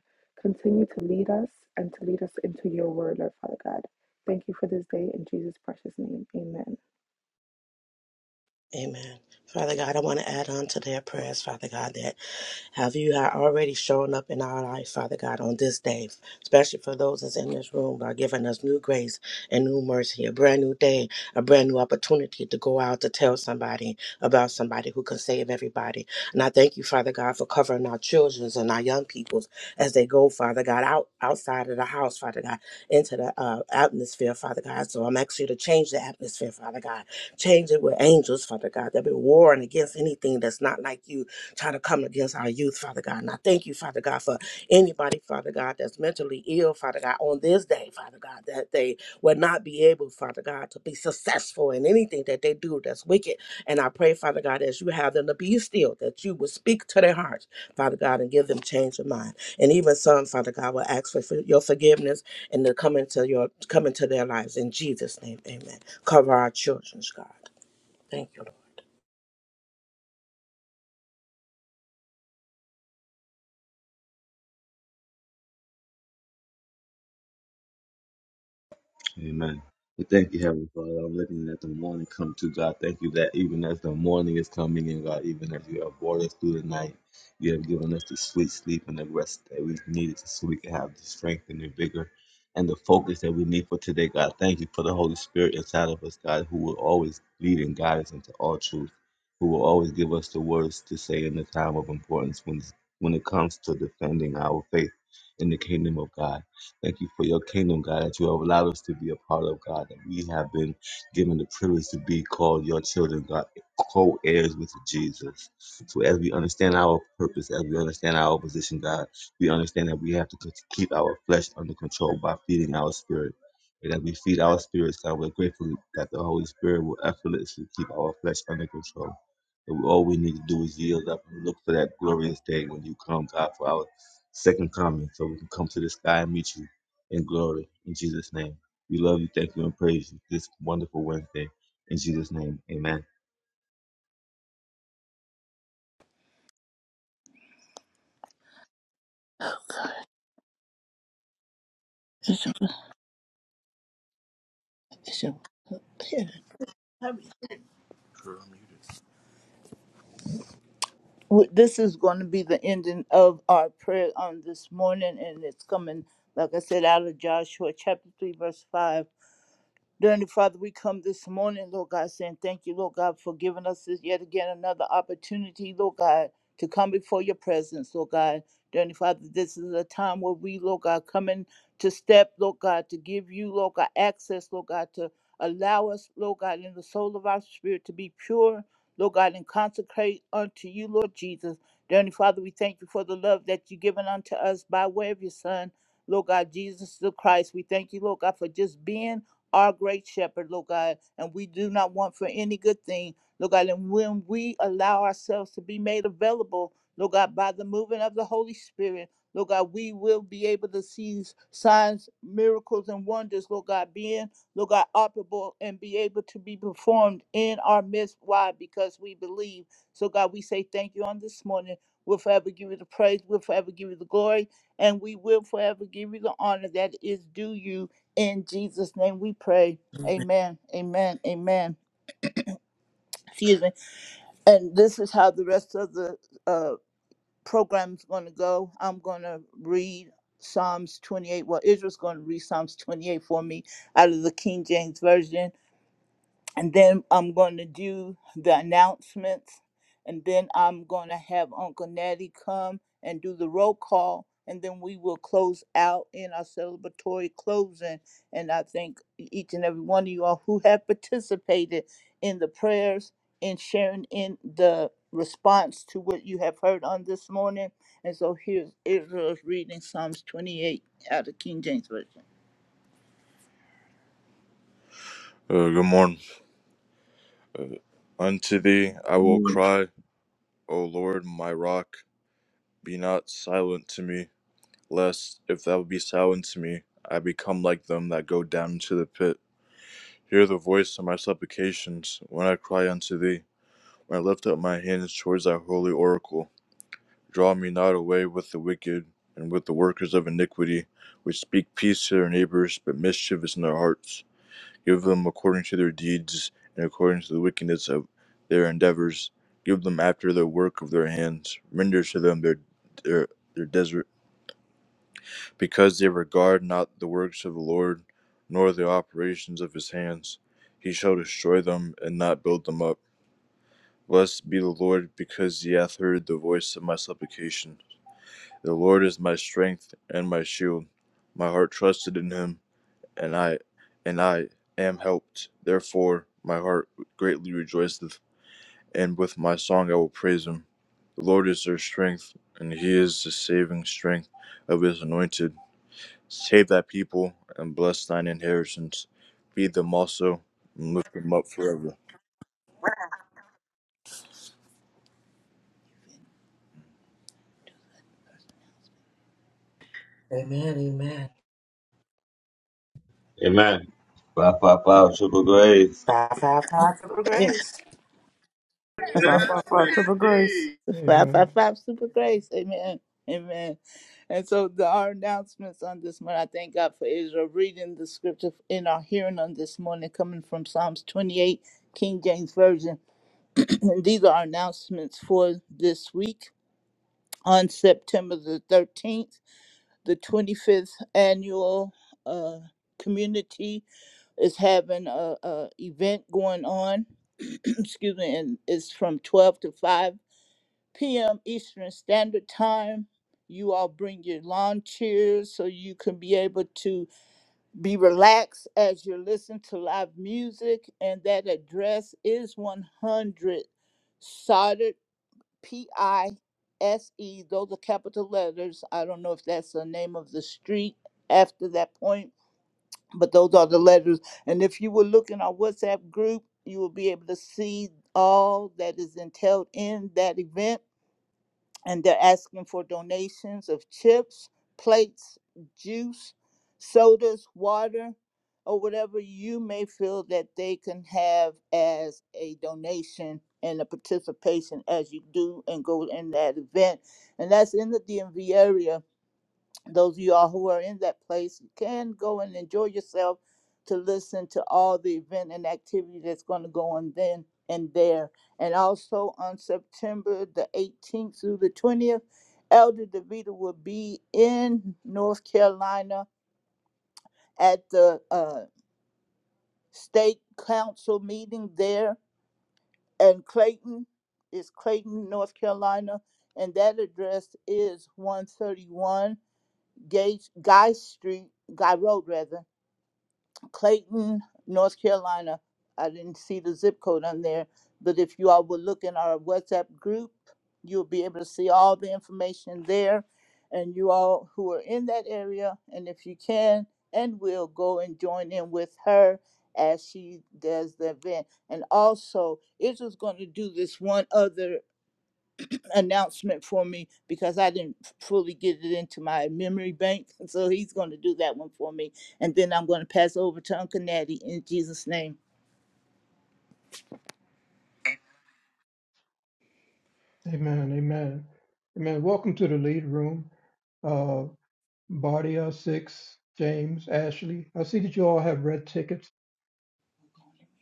Continue to lead us and to lead us into your word, Lord Father God. Thank you for this day in Jesus' precious name. Amen.
Amen. Father God, I want to add on to their prayers, Father God, that have you are already shown up in our life, Father God, on this day, especially for those that's in this room, by giving us new grace and new mercy, a brand new day, a brand new opportunity to go out to tell somebody about somebody who can save everybody. And I thank you, Father God, for covering our children's and our young peoples as they go, Father God, out outside of the house, Father God, into the uh, atmosphere, Father God. So I'm asking you to change the atmosphere, Father God. Change it with angels, Father God, that be warring against anything that's not like you, trying to come against our youth, Father God. And I thank you, Father God, for anybody, Father God, that's mentally ill, Father God, on this day, Father God, that they will not be able, Father God, to be successful in anything that they do that's wicked. And I pray, Father God, as you have them to be still, that you will speak to their hearts, Father God, and give them change of mind. And even some, Father God, will ask for for your forgiveness and to come into your come into their lives in Jesus' name. Amen. Cover our children's God. Thank you,
Amen. We thank you, Heavenly Father. I'm looking at the morning come to God. Thank you that even as the morning is coming in, God, even as you have brought us through the night, you have given us the sweet sleep and the rest that we needed so we can have the strength and the vigor and the focus that we need for today, God. Thank you for the Holy Spirit inside of us, God, who will always lead and guide us into all truth, who will always give us the words to say in the time of importance when when it comes to defending our faith in the kingdom of God. Thank you for your kingdom, God, that you have allowed us to be a part of, God, that we have been given the privilege to be called your children, God, co heirs with Jesus. So as we understand our purpose, as we understand our position, God, we understand that we have to c- keep our flesh under control by feeding our spirit. And as we feed our spirits, God, we're grateful that the Holy Spirit will effortlessly keep our flesh under control. And all we need to do is yield up and look for that glorious day when you come, God, for our second coming, so we can come to the sky and meet you and glory. In Jesus' name, we love you, thank you, and praise you this wonderful Wednesday. In Jesus' name, amen.
W- This is going to be the ending of our prayer on this morning, and it's coming, like I said, out of Joshua chapter 3, verse 5. Dear Heavenly Father, we come this morning, Lord God, saying thank you, Lord God, for giving us this yet again another opportunity, Lord God, to come before your presence, Lord God. Dear Heavenly Father, this is a time where we, Lord God, come in to step, Lord God, to give you, Lord God, access, Lord God, to allow us, Lord God, in the soul of our spirit to be pure, Lord God, and consecrate unto you, Lord Jesus. Dear Heavenly Father, we thank you for the love that you've given unto us by way of your Son, Lord God, Jesus the Christ. We thank you, Lord God, for just being our great shepherd, Lord God, and we do not want for any good thing, Lord God. And when we allow ourselves to be made available, Lord God, by the moving of the Holy Spirit, Lord God, we will be able to see signs, miracles, and wonders, Lord God, being, Lord God, operable and be able to be performed in our midst. Why? Because we believe. So, God, we say thank you on this morning. We'll forever give you the praise. We'll forever give you the glory. And we will forever give you the honor that is due you in Jesus' name we pray.
Lord.
Amen. Amen. Amen. Excuse me. And this is how the rest of the uh, program is going to go. I'm going to read Psalms 28. Well, Israel's going to read Psalms 28 for me out of the King James Version. and then I'm going to do the announcements, and then I'm going to have Uncle Natty come and do the roll call, and then we will close out in our celebratory closing. And I thank e-, each and every one of you all who have participated in the prayers and sharing in the response to what you have heard on this morning. And so here's Israel's reading Psalms 28 out of King James Version. Uh, good morning. Uh, unto thee I will cry, O Lord, my rock, be not silent to me, lest, if thou be silent to me, I become like them that go down into the pit. Hear the voice of my supplications when I cry unto thee, when I lift up my hands towards thy holy oracle. Draw me not away with the wicked and with the workers of iniquity, which speak peace to their neighbors, but mischief is in their hearts. Give them according to their deeds, and according to the wickedness of their endeavors. Give them after the work of their hands. Render to them their their their desert, because they regard not the works of the Lord, nor the operations of his hands. He shall destroy them and not build them up. Blessed be the Lord, because he hath heard the voice of my supplication. The Lord is my strength and my shield. My heart trusted in him and I and I am helped. Therefore my heart greatly rejoiceth, and with my song I will praise him. The Lord is their strength, and he is the saving strength of his anointed. Save thy people and bless thine inheritance. Feed them also and lift them up forever.
Amen. Amen.
Amen. Five, five, five, triple grace.
Five, five, five for grace.
Far, far, far to the grace.
Five,
Amen.
five, five, super grace. Amen. Amen. And so the, our announcements on this morning, I thank God for Israel reading the scripture in our hearing on this morning, coming from Psalms 28, King James Version. and these are our announcements for this week on September the 13th, the 25th annual uh, community is having a, a event going on. Excuse me, and it's from 12 to 5 p.m. Eastern Standard Time. You all bring your lawn chairs so you can be able to be relaxed as you listen to live music. And that address is 100 Soldered P I S E. Those are capital letters. I don't know if that's the name of the street after that point, but those are the letters. And if you will look in our WhatsApp group, you will be able to see all that is entailed in that event and they're asking for donations of chips, plates, juice, sodas, water, or whatever you may feel that they can have as a donation and a participation as you do and go in that event. And that's in the DMV area those of you all who are in that place can go and enjoy yourself to listen to all the event and activity that's going to go on then and there and also on september the 18th through the 20th elder devita will be in north carolina at the uh, state council meeting there and clayton is clayton north carolina and that address is 131 Gage, Guy Street, Guy Road rather, Clayton, North Carolina. I didn't see the zip code on there, but if you all would look in our WhatsApp group, you'll be able to see all the information there. And you all who are in that area, and if you can and will, go and join in with her as she does the event. And also, Israel's going to do this one other announcement for me because I didn't fully get it into my memory bank. And So he's going to do that one for me. And then I'm going to pass over to Uncle Natty in Jesus' name.
Amen. Amen. Amen. Welcome to the lead room. Uh, Bardia, Six, James, Ashley. I see that you all have red tickets.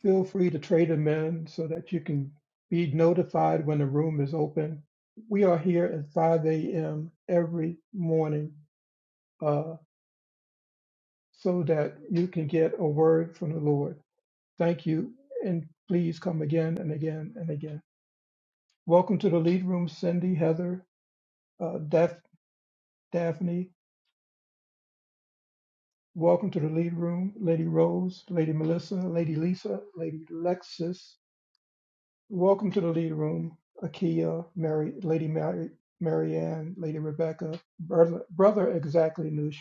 Feel free to trade them in so that you can be notified when the room is open. We are here at 5 a.m. every morning uh, so that you can get a word from the Lord. Thank you, and please come again and again and again. Welcome to the lead room, Cindy, Heather, uh, Daph- Daphne. Welcome to the lead room, Lady Rose, Lady Melissa, Lady Lisa, Lady Lexis, Welcome to the lead room, Akia, Mary, Lady Mary, Marianne, Lady Rebecca, Brother, Brother Exactly Noosh,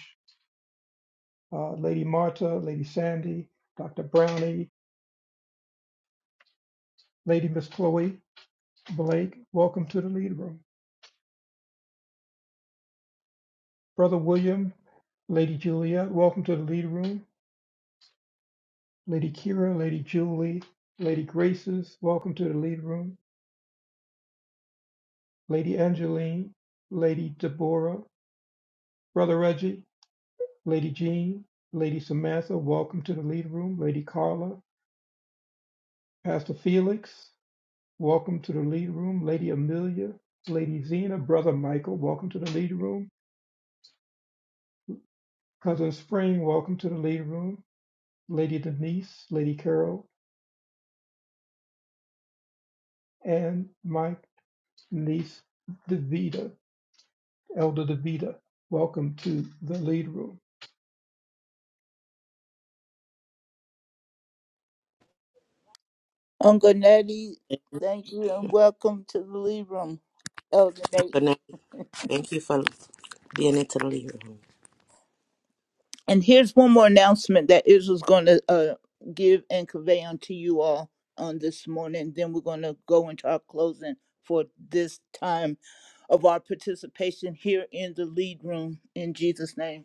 uh, Lady Marta, Lady Sandy, Dr. Brownie, Lady Miss Chloe, Blake. Welcome to the lead room. Brother William, Lady Julia. welcome to the lead room. Lady Kira, Lady Julie, Lady Graces, welcome to the lead room. Lady Angeline, Lady Deborah, Brother Reggie. Lady Jean, Lady Samantha, welcome to the lead room. Lady Carla, Pastor Felix, welcome to the lead room. Lady Amelia, Lady Zena, Brother Michael, welcome to the lead room. Cousin Spring, welcome to the lead room. Lady Denise, Lady Carol, and my niece Davida, Elder Davida, welcome to the lead room.
Uncle Natty,
Thank
thank you and welcome to the lead Room, Elder
you
Nate.
for, thank you for being into the living room.
And here's one more announcement that Israel's going to uh, give and convey unto you all on this morning. Then we're going to go into our closing for this time of our participation here in the lead room in Jesus' name.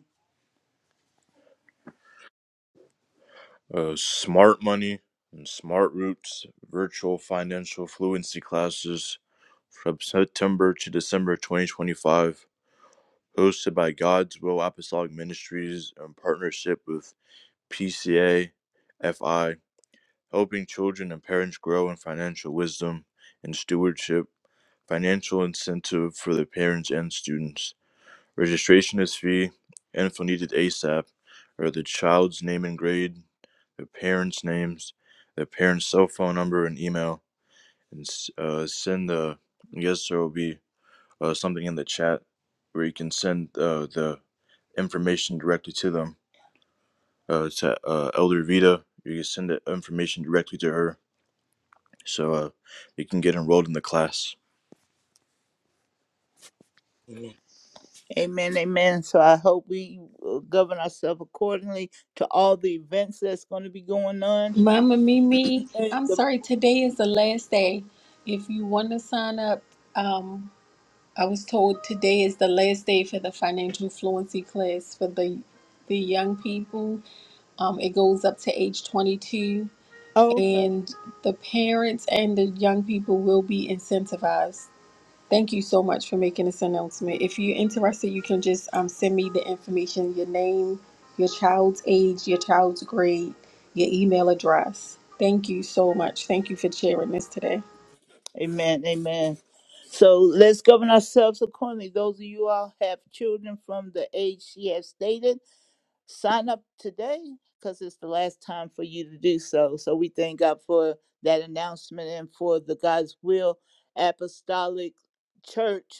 uh, smart money and smart roots virtual financial fluency classes from september to december 2025 hosted by god's will apostolic ministries in partnership with pca fi helping children and parents grow in financial wisdom and stewardship financial incentive for the parents and students Registration is free, info needed ASAP are the child's name and grade, their parents' names, their parents' cell phone number and email, and s- uh, send the. I guess there will be uh, something in the chat where you can send uh, the information directly to them. Uh, to uh, Elder Vita, you can send the information directly to her, so uh, you can get enrolled in the class.
Amen.
Amen, amen. So I hope we uh, govern ourselves accordingly to all the events that's going to be going on.
Mama Mimi,
And
I'm
the-
sorry, today is the last day. If you want to sign up, um, I was told today is the last day for the financial fluency class for the the young people. Um, it goes up to age 22,
oh, okay.
and the parents and the young people will be incentivized. Thank you so much for making this announcement. If you're interested, you can just um, send me the information your name, your child's age, your child's grade, your email address. Thank you so much. Thank you for sharing this today.
Amen, amen. So let's govern ourselves accordingly. Those of you all have children from the age she has stated, sign up today because it's the last time for you to do so. So we thank God for that announcement and for the God's will apostolic church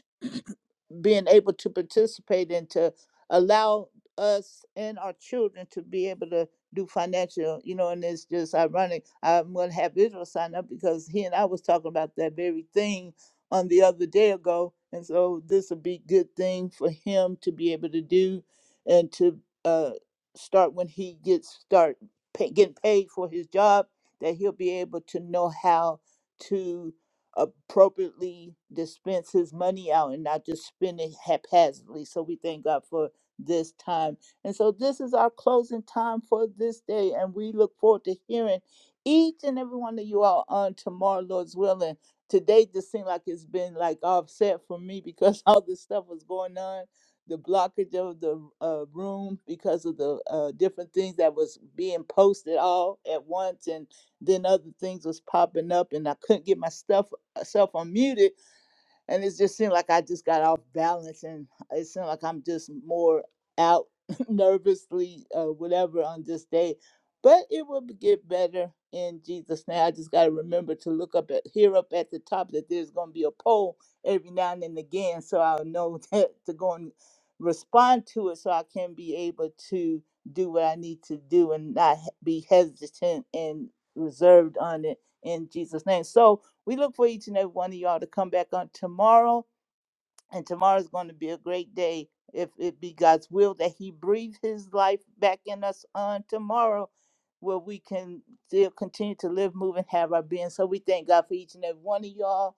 being able to participate and to allow us and our children to be able to do financial, you know, and it's just ironic. I'm going to have Israel sign up because he and I was talking about that very thing on the other day ago. And so this would be a good thing for him to be able to do and to uh, start when he gets start pay, getting paid for his job that he'll be able to know how to appropriately dispense his money out and not just spend it haphazardly. So we thank God for this time. And so this is our closing time for this day. And we look forward to hearing each and every one of you all on tomorrow, Lord's willing. Today just seemed like it's been like offset for me because all this stuff was going on. The blockage of the uh, room because of the uh, different things that was being posted all at once, and then other things was popping up, and I couldn't get my stuff myself unmuted, and it just seemed like I just got off balance, and it seemed like I'm just more out nervously, uh, whatever, on this day. But it will get better in Jesus' name. I just got to remember to look up at here up at the top that there's going to be a poll every now and then again, so I'll know that to go and respond to it, so I can be able to do what I need to do and not he- be hesitant and reserved on it in Jesus' name. So we look for each and every one of y'all to come back on tomorrow and tomorrow's going to be a great day if it be God's will that He breathe His life back in us on tomorrow, where we can still continue to live, move, and have our being. So we thank God for each and every one of y'all,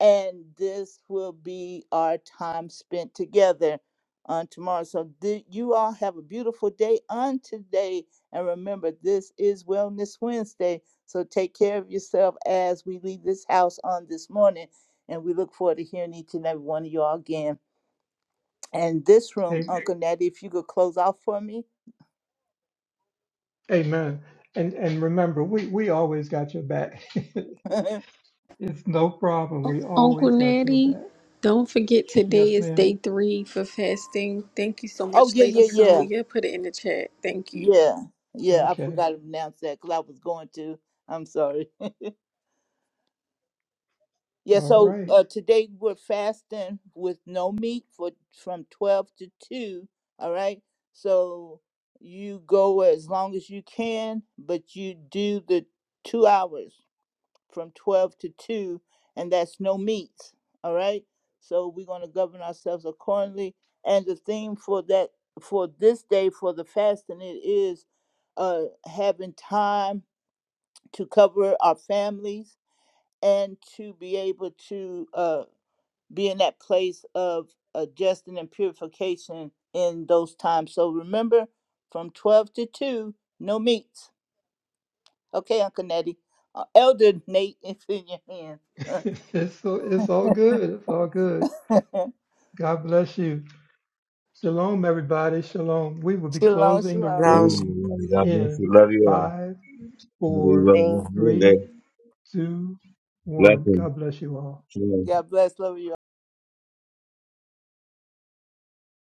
and this will be our time spent together on tomorrow. So th- you all have a beautiful day on today, and remember this is Wellness Wednesday. So take care of yourself as we leave this house on this morning. And we look forward to hearing each and every one of y'all again. And this room,
Am-
Uncle Natty, if you could close out for me.
Amen. And and remember, we, we always got your back.
oh,
it's no problem. We
Uncle
always got your
Natty,
back.
don't forget
Yes,
today is
ma'am.
day three for fasting. Thank you so much,
yeah,
Lady
yeah, yeah.
Sonya. Put it in the chat. Thank you.
Yeah. Yeah, I
Okay.
forgot to announce that because I was going to. I'm sorry. Yeah,
All
so
right.
uh, today we're fasting with no meat for from 12 to 2. All right. So you go as long as you can, but you do the two hours from 12 to 2, and that's no meats. All right. So we're going to govern ourselves accordingly. And the theme for that, for this day, for the fasting, it is uh, having time to cover our families and to be able to uh, be in that place of adjusting and purification in those times. So remember, from 12 to 2, no meats. Okay, Uncle Nettie. Uh, Elder Nate, it's in your
It's so it's all good. It's all good.
hands.
God bless you. Shalom, everybody. Shalom. We will be
Shalom,
closing the
shalom.
Last
room
God bless
in
you. Love you all.
five,
Have
four,
a lovely
three,
Wednesday.
two, one.
Blessings.
God bless you all.
Shalom.
God bless. Love you.